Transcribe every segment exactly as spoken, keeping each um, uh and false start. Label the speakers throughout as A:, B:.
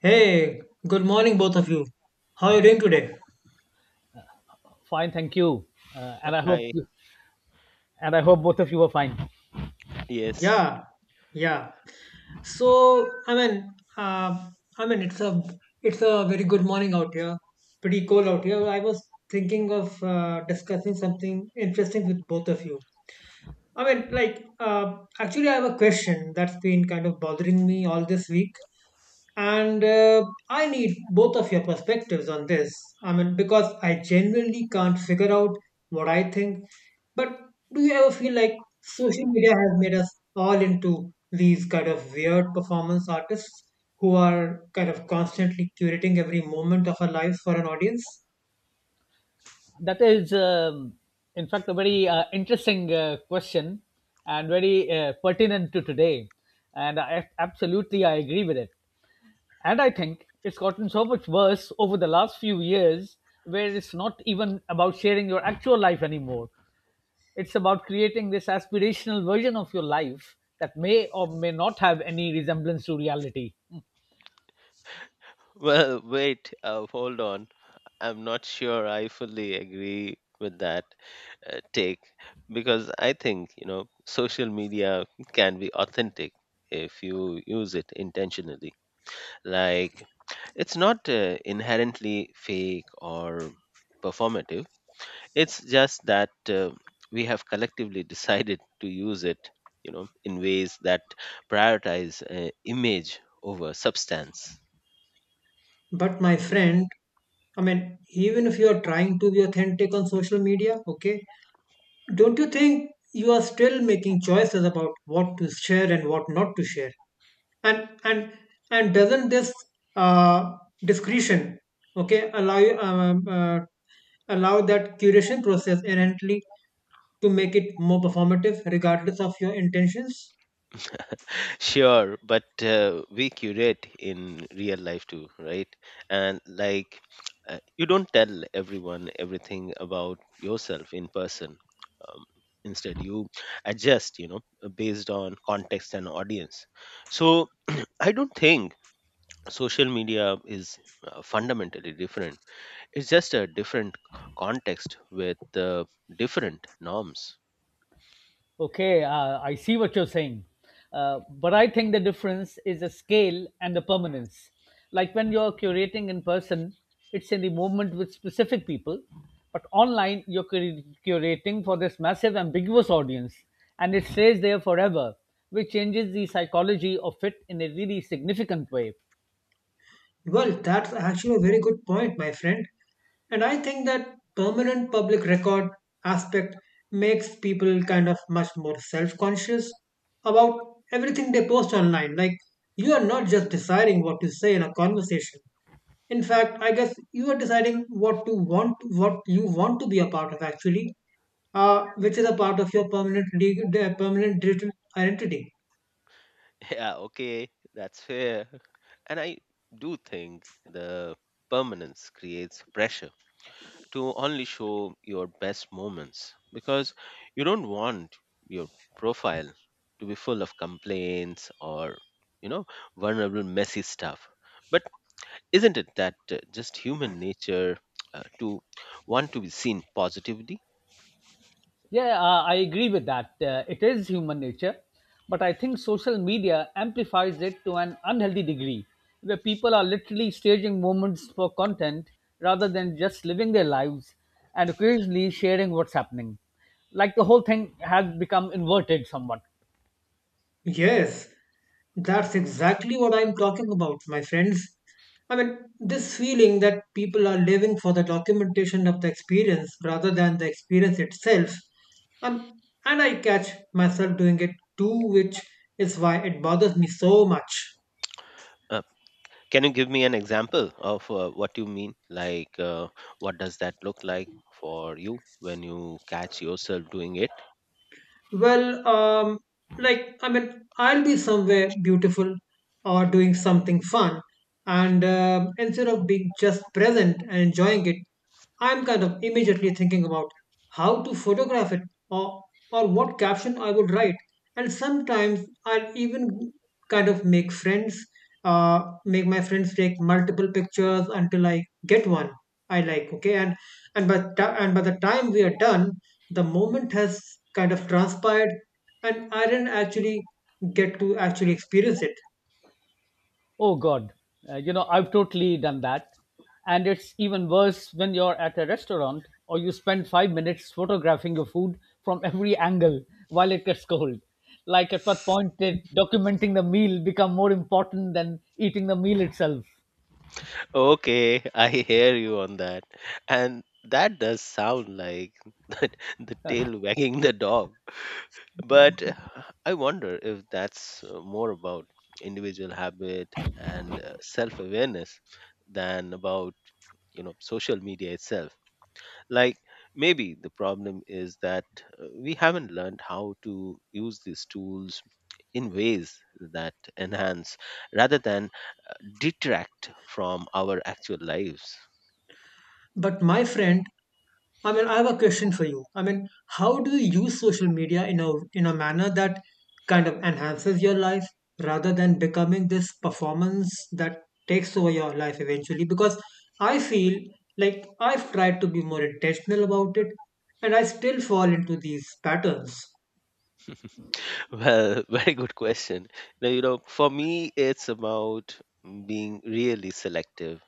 A: Hey, good morning, both of you. How are you doing today?
B: Fine, thank you, uh, and I hope
C: Hi.
B: and I hope both of you are fine.
C: Yes.
A: Yeah, yeah. So, I mean, uh, I mean, it's a it's a very good morning out here. Pretty cold out here. I was thinking of uh, discussing something interesting with both of you. I mean, like, uh, actually, I have a question that's been kind of bothering me all this week. And uh, I need both of your perspectives on this. I mean, because I genuinely can't figure out what I think. But do you ever feel like social media has made us all into these kind of weird performance artists who are kind of constantly curating every moment of our lives for an audience?
B: That is, um, in fact, a very uh, interesting uh, question and very uh, pertinent to today, and I, absolutely I agree with it. And I think it's gotten so much worse over the last few years, where it's not even about sharing your actual life anymore. It's about creating this aspirational version of your life that may or may not have any resemblance to reality.
C: Well, wait, uh, hold on. I'm not sure I fully agree with that uh, take because I think, you know, social media can be authentic if you use it intentionally. Like, it's not uh, inherently fake or performative. It's just that uh, we have collectively decided to use it, you know, in ways that prioritize uh, image over substance.
A: But my friend, I mean, even if you are trying to be authentic on social media, okay, don't you think you are still making choices about what to share and what not to share? And and and doesn't this uh, discretion, okay, allow you um, um, uh, allow that curation process inherently to make it more performative, regardless of your intentions?
C: Sure, but uh, we curate in real life too, right? And like, uh, you don't tell everyone everything about yourself in person. Um, Instead, you adjust, you know, uh, based on context and audience. So, I don't think social media is uh, fundamentally different. It's just a different context with uh, different norms.
B: Okay, uh, I see what you're saying. Uh, but I think the difference is the scale and the permanence. Like when you're curating in person, it's in the moment with specific people. But online, you're cur- curating for this massive, ambiguous audience, and it stays there forever, which changes the psychology of it in a really significant way.
A: Well, that's actually a very good point, my friend. And I think that permanent public record aspect makes people kind of much more self conscious about everything they post online. Like, you are not just deciding what to say in a conversation. In fact, I guess you are deciding what to want, what you want to be a part of actually, uh, which is a part of your permanent, de- de- permanent digital identity.
C: Yeah, okay, that's fair. And I do think the permanence creates pressure to only show your best moments because you don't want your profile to be full of complaints or, you know, vulnerable, messy stuff. But isn't it that uh, just human nature uh, to want to be seen positively?
B: Yeah, uh, I agree with that. Uh, it is human nature. But I think social media amplifies it to an unhealthy degree, where people are literally staging moments for content rather than just living their lives and occasionally sharing what's happening. Like the whole thing has become inverted somewhat.
A: Yes, that's exactly what I'm talking about, my friends. I mean, this feeling that people are living for the documentation of the experience rather than the experience itself. Um, and I catch myself doing it too, which is why it bothers me so much.
C: Uh, Can you give me an example of uh, what you mean? Like, uh, what does that look like for you when you catch yourself doing it?
A: Well, um, like, I mean, I'll be somewhere beautiful or doing something fun. And um instead of being just present and enjoying it, I'm kind of immediately thinking about how to photograph it or, or what caption I would write. And sometimes I'll even kind of make friends, uh, make my friends take multiple pictures until I get one I like. Okay, and and by ta- and by the time we are done, the moment has kind of transpired and I didn't actually get to actually experience it.
B: Oh God, uh, you know, I've totally done that. And it's even worse when you're at a restaurant or you spend five minutes photographing your food from every angle while it gets cold. Like at what point did documenting the meal become more important than eating the meal itself?
C: Okay, I hear you on that. And that does sound like that the tail wagging the dog. But uh, I wonder if that's uh, more about individual habit and self awareness than about, you know, social media itself. Like maybe the problem is that uh, we haven't learned how to use these tools in ways that enhance rather than detract from our actual lives.
A: But my friend, I mean, I have a question for you. I mean, how do you use social media in a in a manner that kind of enhances your life rather than becoming this performance that takes over your life eventually? Because I feel like I've tried to be more intentional about it, and I still fall into these patterns.
C: Well, very good question. Now, you know, for me, it's about being really selective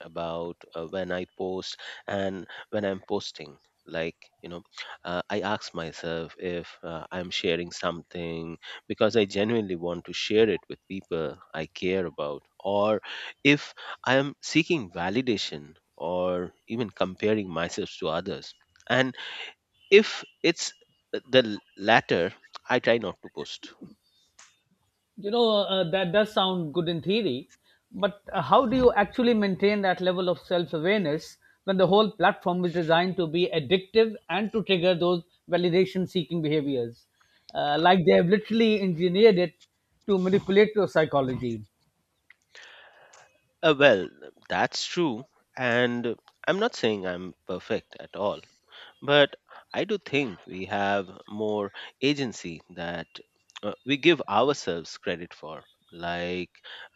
C: about uh, when I post and when I'm posting. Like, you know, uh, I ask myself if uh, I'm sharing something because I genuinely want to share it with people I care about, or if I am seeking validation or even comparing myself to others. And if it's the latter, I try not to post.
B: You know, uh, that does sound good in theory, but uh, how do you actually maintain that level of self awareness when the whole platform is designed to be addictive and to trigger those validation seeking behaviors? Uh, like they have literally engineered it to manipulate your psychology.
C: Uh, well, that's true. And I'm not saying I'm perfect at all, but I do think we have more agency that uh, we give ourselves credit for. Like,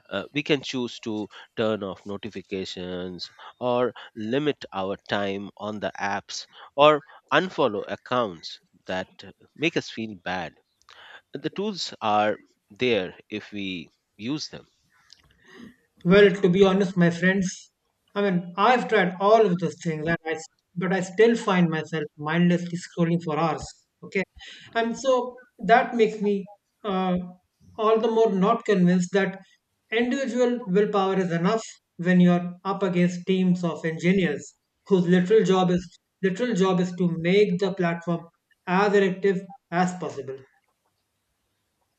C: uh, we can choose to turn off notifications or limit our time on the apps or unfollow accounts that uh, make us feel bad. The tools are there if we use them.
A: Well, to be honest, my friends, I mean, I've tried all of those things, and I, s- but I still find myself mindlessly scrolling for hours. Okay, and so that makes me uh, all the more not convinced that individual willpower is enough when you're up against teams of engineers whose literal job is literal job is to make the platform as effective as possible.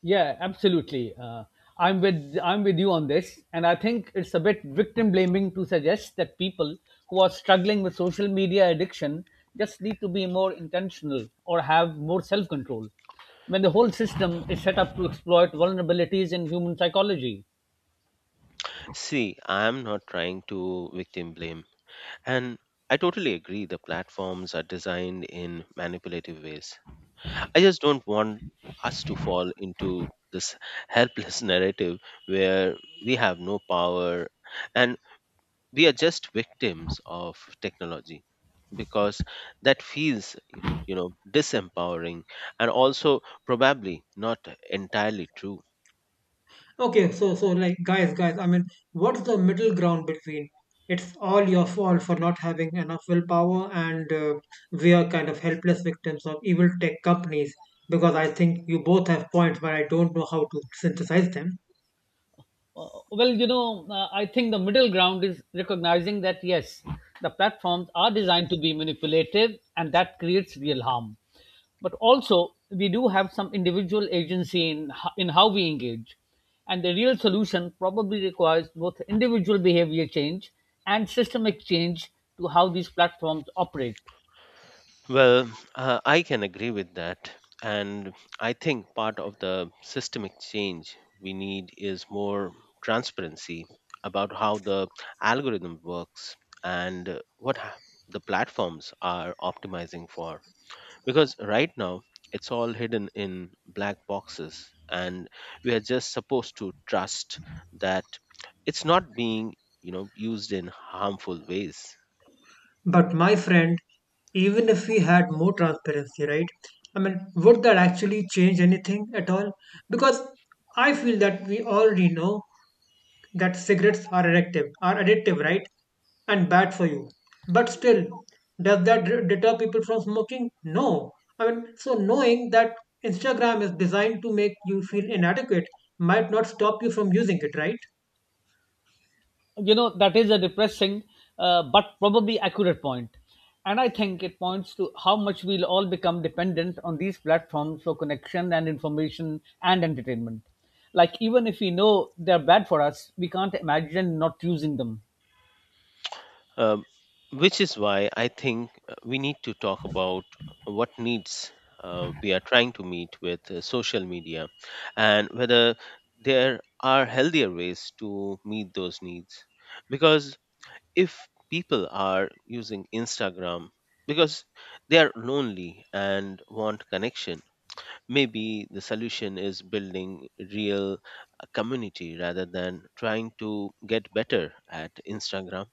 B: Yeah, absolutely. Uh, I'm with I'm with you on this, and I think it's a bit victim blaming to suggest that people who are struggling with social media addiction just need to be more intentional or have more self control, when the whole system is set up to exploit vulnerabilities in human psychology.
C: See, I am not trying to victim blame. And I totally agree the platforms are designed in manipulative ways. I just don't want us to fall into this helpless narrative where we have no power and we are just victims of technology because that feels, you know, disempowering and also probably not entirely true.
A: Okay, so so like guys, guys, I mean, what's the middle ground between it's all your fault for not having enough willpower and uh, we are kind of helpless victims of evil tech companies, because I think you both have points but I don't know how to synthesize them.
B: Uh, well, you know, uh, I think the middle ground is recognizing that yes, the platforms are designed to be manipulative and that creates real harm. But also, we do have some individual agency in, ho- in how we engage. And the real solution probably requires both individual behavior change and systemic change to how these platforms operate.
C: Well, uh, I can agree with that. And I think part of the systemic change we need is more transparency about how the algorithm works and uh, what ha- the platforms are optimizing for. Because right now, it's all hidden in black boxes, and we are just supposed to trust that it's not being, you know, used in harmful ways.
A: But my friend, even if we had more transparency, right? I mean, would that actually change anything at all? Because I feel that we already know that cigarettes are addictive, are addictive, right? And bad for you. But still, does that d- deter people from smoking? No. I mean, so knowing that Instagram is designed to make you feel inadequate might not stop you from using it, right?
B: You know that is a depressing uh, but probably accurate point, and I think it points to how much we'll all become dependent on these platforms for connection and information and entertainment. Like even if we know they're bad for us, we can't imagine not using them.
C: Um, which is why I think uh, we need to talk about what needs uh, we are trying to meet with uh, social media and whether there are healthier ways to meet those needs. Because if people are using Instagram because they are lonely and want connection, maybe the solution is building real uh, community rather than trying to get better at Instagram.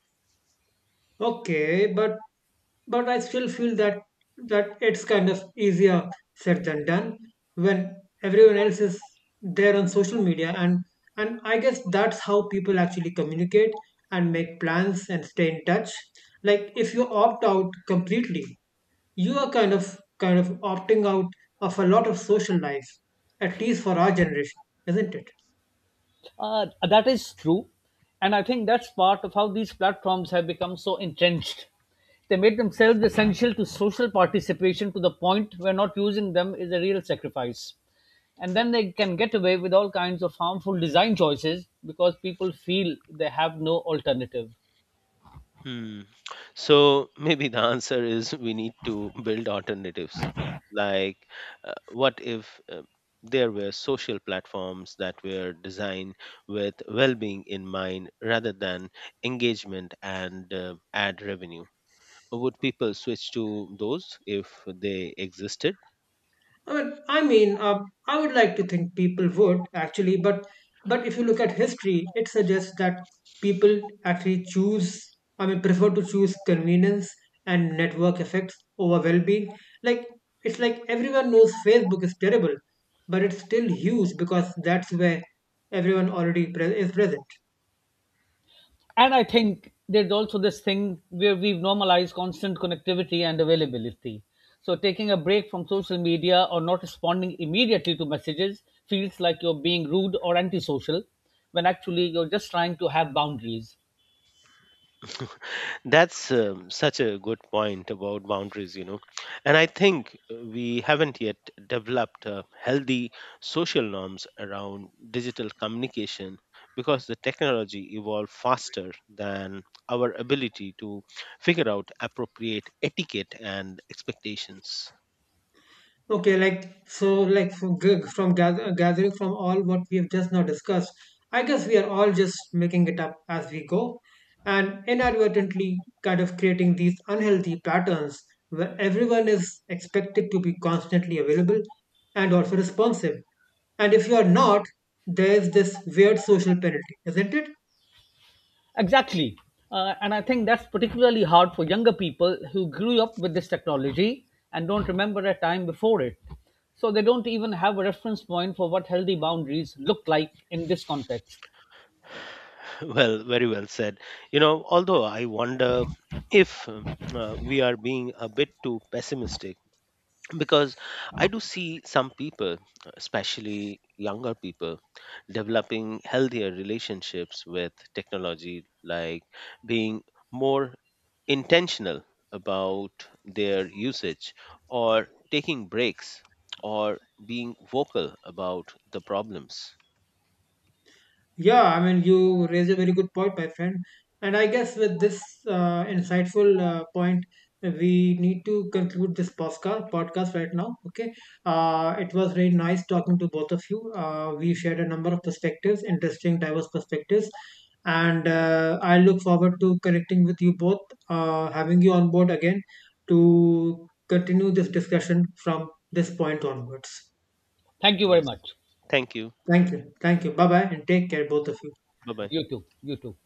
A: Okay, but but I still feel that that it's kind of easier said than done when everyone else is there on social media, and and I guess that's how people actually communicate and make plans and stay in touch. Like if you opt out completely, you are kind of kind of opting out of a lot of social life, at least for our generation, isn't it?
B: Uh, that is true. And I think that's part of how these platforms have become so entrenched. They made themselves essential to social participation to the point where not using them is a real sacrifice. And then they can get away with all kinds of harmful design choices because people feel they have no alternative.
C: Hmm. So maybe the answer is we need to build alternatives. Like, uh, what if uh, there were social platforms that were designed with well being in mind rather than engagement and uh, ad revenue? Would people switch to those if they existed?
A: I mean, I mean, uh, I would like to think people would actually, but but if you look at history, it suggests that people actually choose, I mean, prefer to choose convenience and network effects over well-being. Like it's like everyone knows Facebook is terrible, but it's still huge because that's where everyone already pre- is present.
B: And I think there's also this thing where we've normalized constant connectivity and availability. So taking a break from social media or not responding immediately to messages feels like you're being rude or antisocial when actually you're just trying to have boundaries.
C: That's um, such a good point about boundaries, you know. And I think uh, we haven't yet developed uh, healthy social norms around digital communication because the technology evolved faster than our ability to figure out appropriate etiquette and expectations.
A: Okay, like so, like from g- from gather, gathering from all what we have just now discussed, I guess we are all just making it up as we go, and inadvertently kind of creating these unhealthy patterns where everyone is expected to be constantly available and also responsive. And if you are not, there's this weird social penalty, isn't it?
B: Exactly. Uh, and I think that's particularly hard for younger people who grew up with this technology and don't remember a time before it. So they don't even have a reference point for what healthy boundaries look like in this context.
C: Well, very well said. You know, although I wonder if um, uh, we are being a bit too pessimistic because I do see some people, especially younger people, developing healthier relationships with technology, like being more intentional about their usage or taking breaks or being vocal about the problems.
A: Yeah, I mean, you raise a very good point, my friend. And I guess with this uh, insightful uh, point, we need to conclude this podcast podcast right now. Okay, uh, it was very nice talking to both of you. Uh, we shared a number of perspectives, interesting, diverse perspectives, and uh, I look forward to connecting with you both, uh, having you on board again to continue this discussion from this point onwards.
B: Thank you very
C: Yes,
B: much.
C: thank you.
A: Thank you, thank you. Bye bye, and take care, both of you.
C: Bye bye.
B: YouTube, YouTube.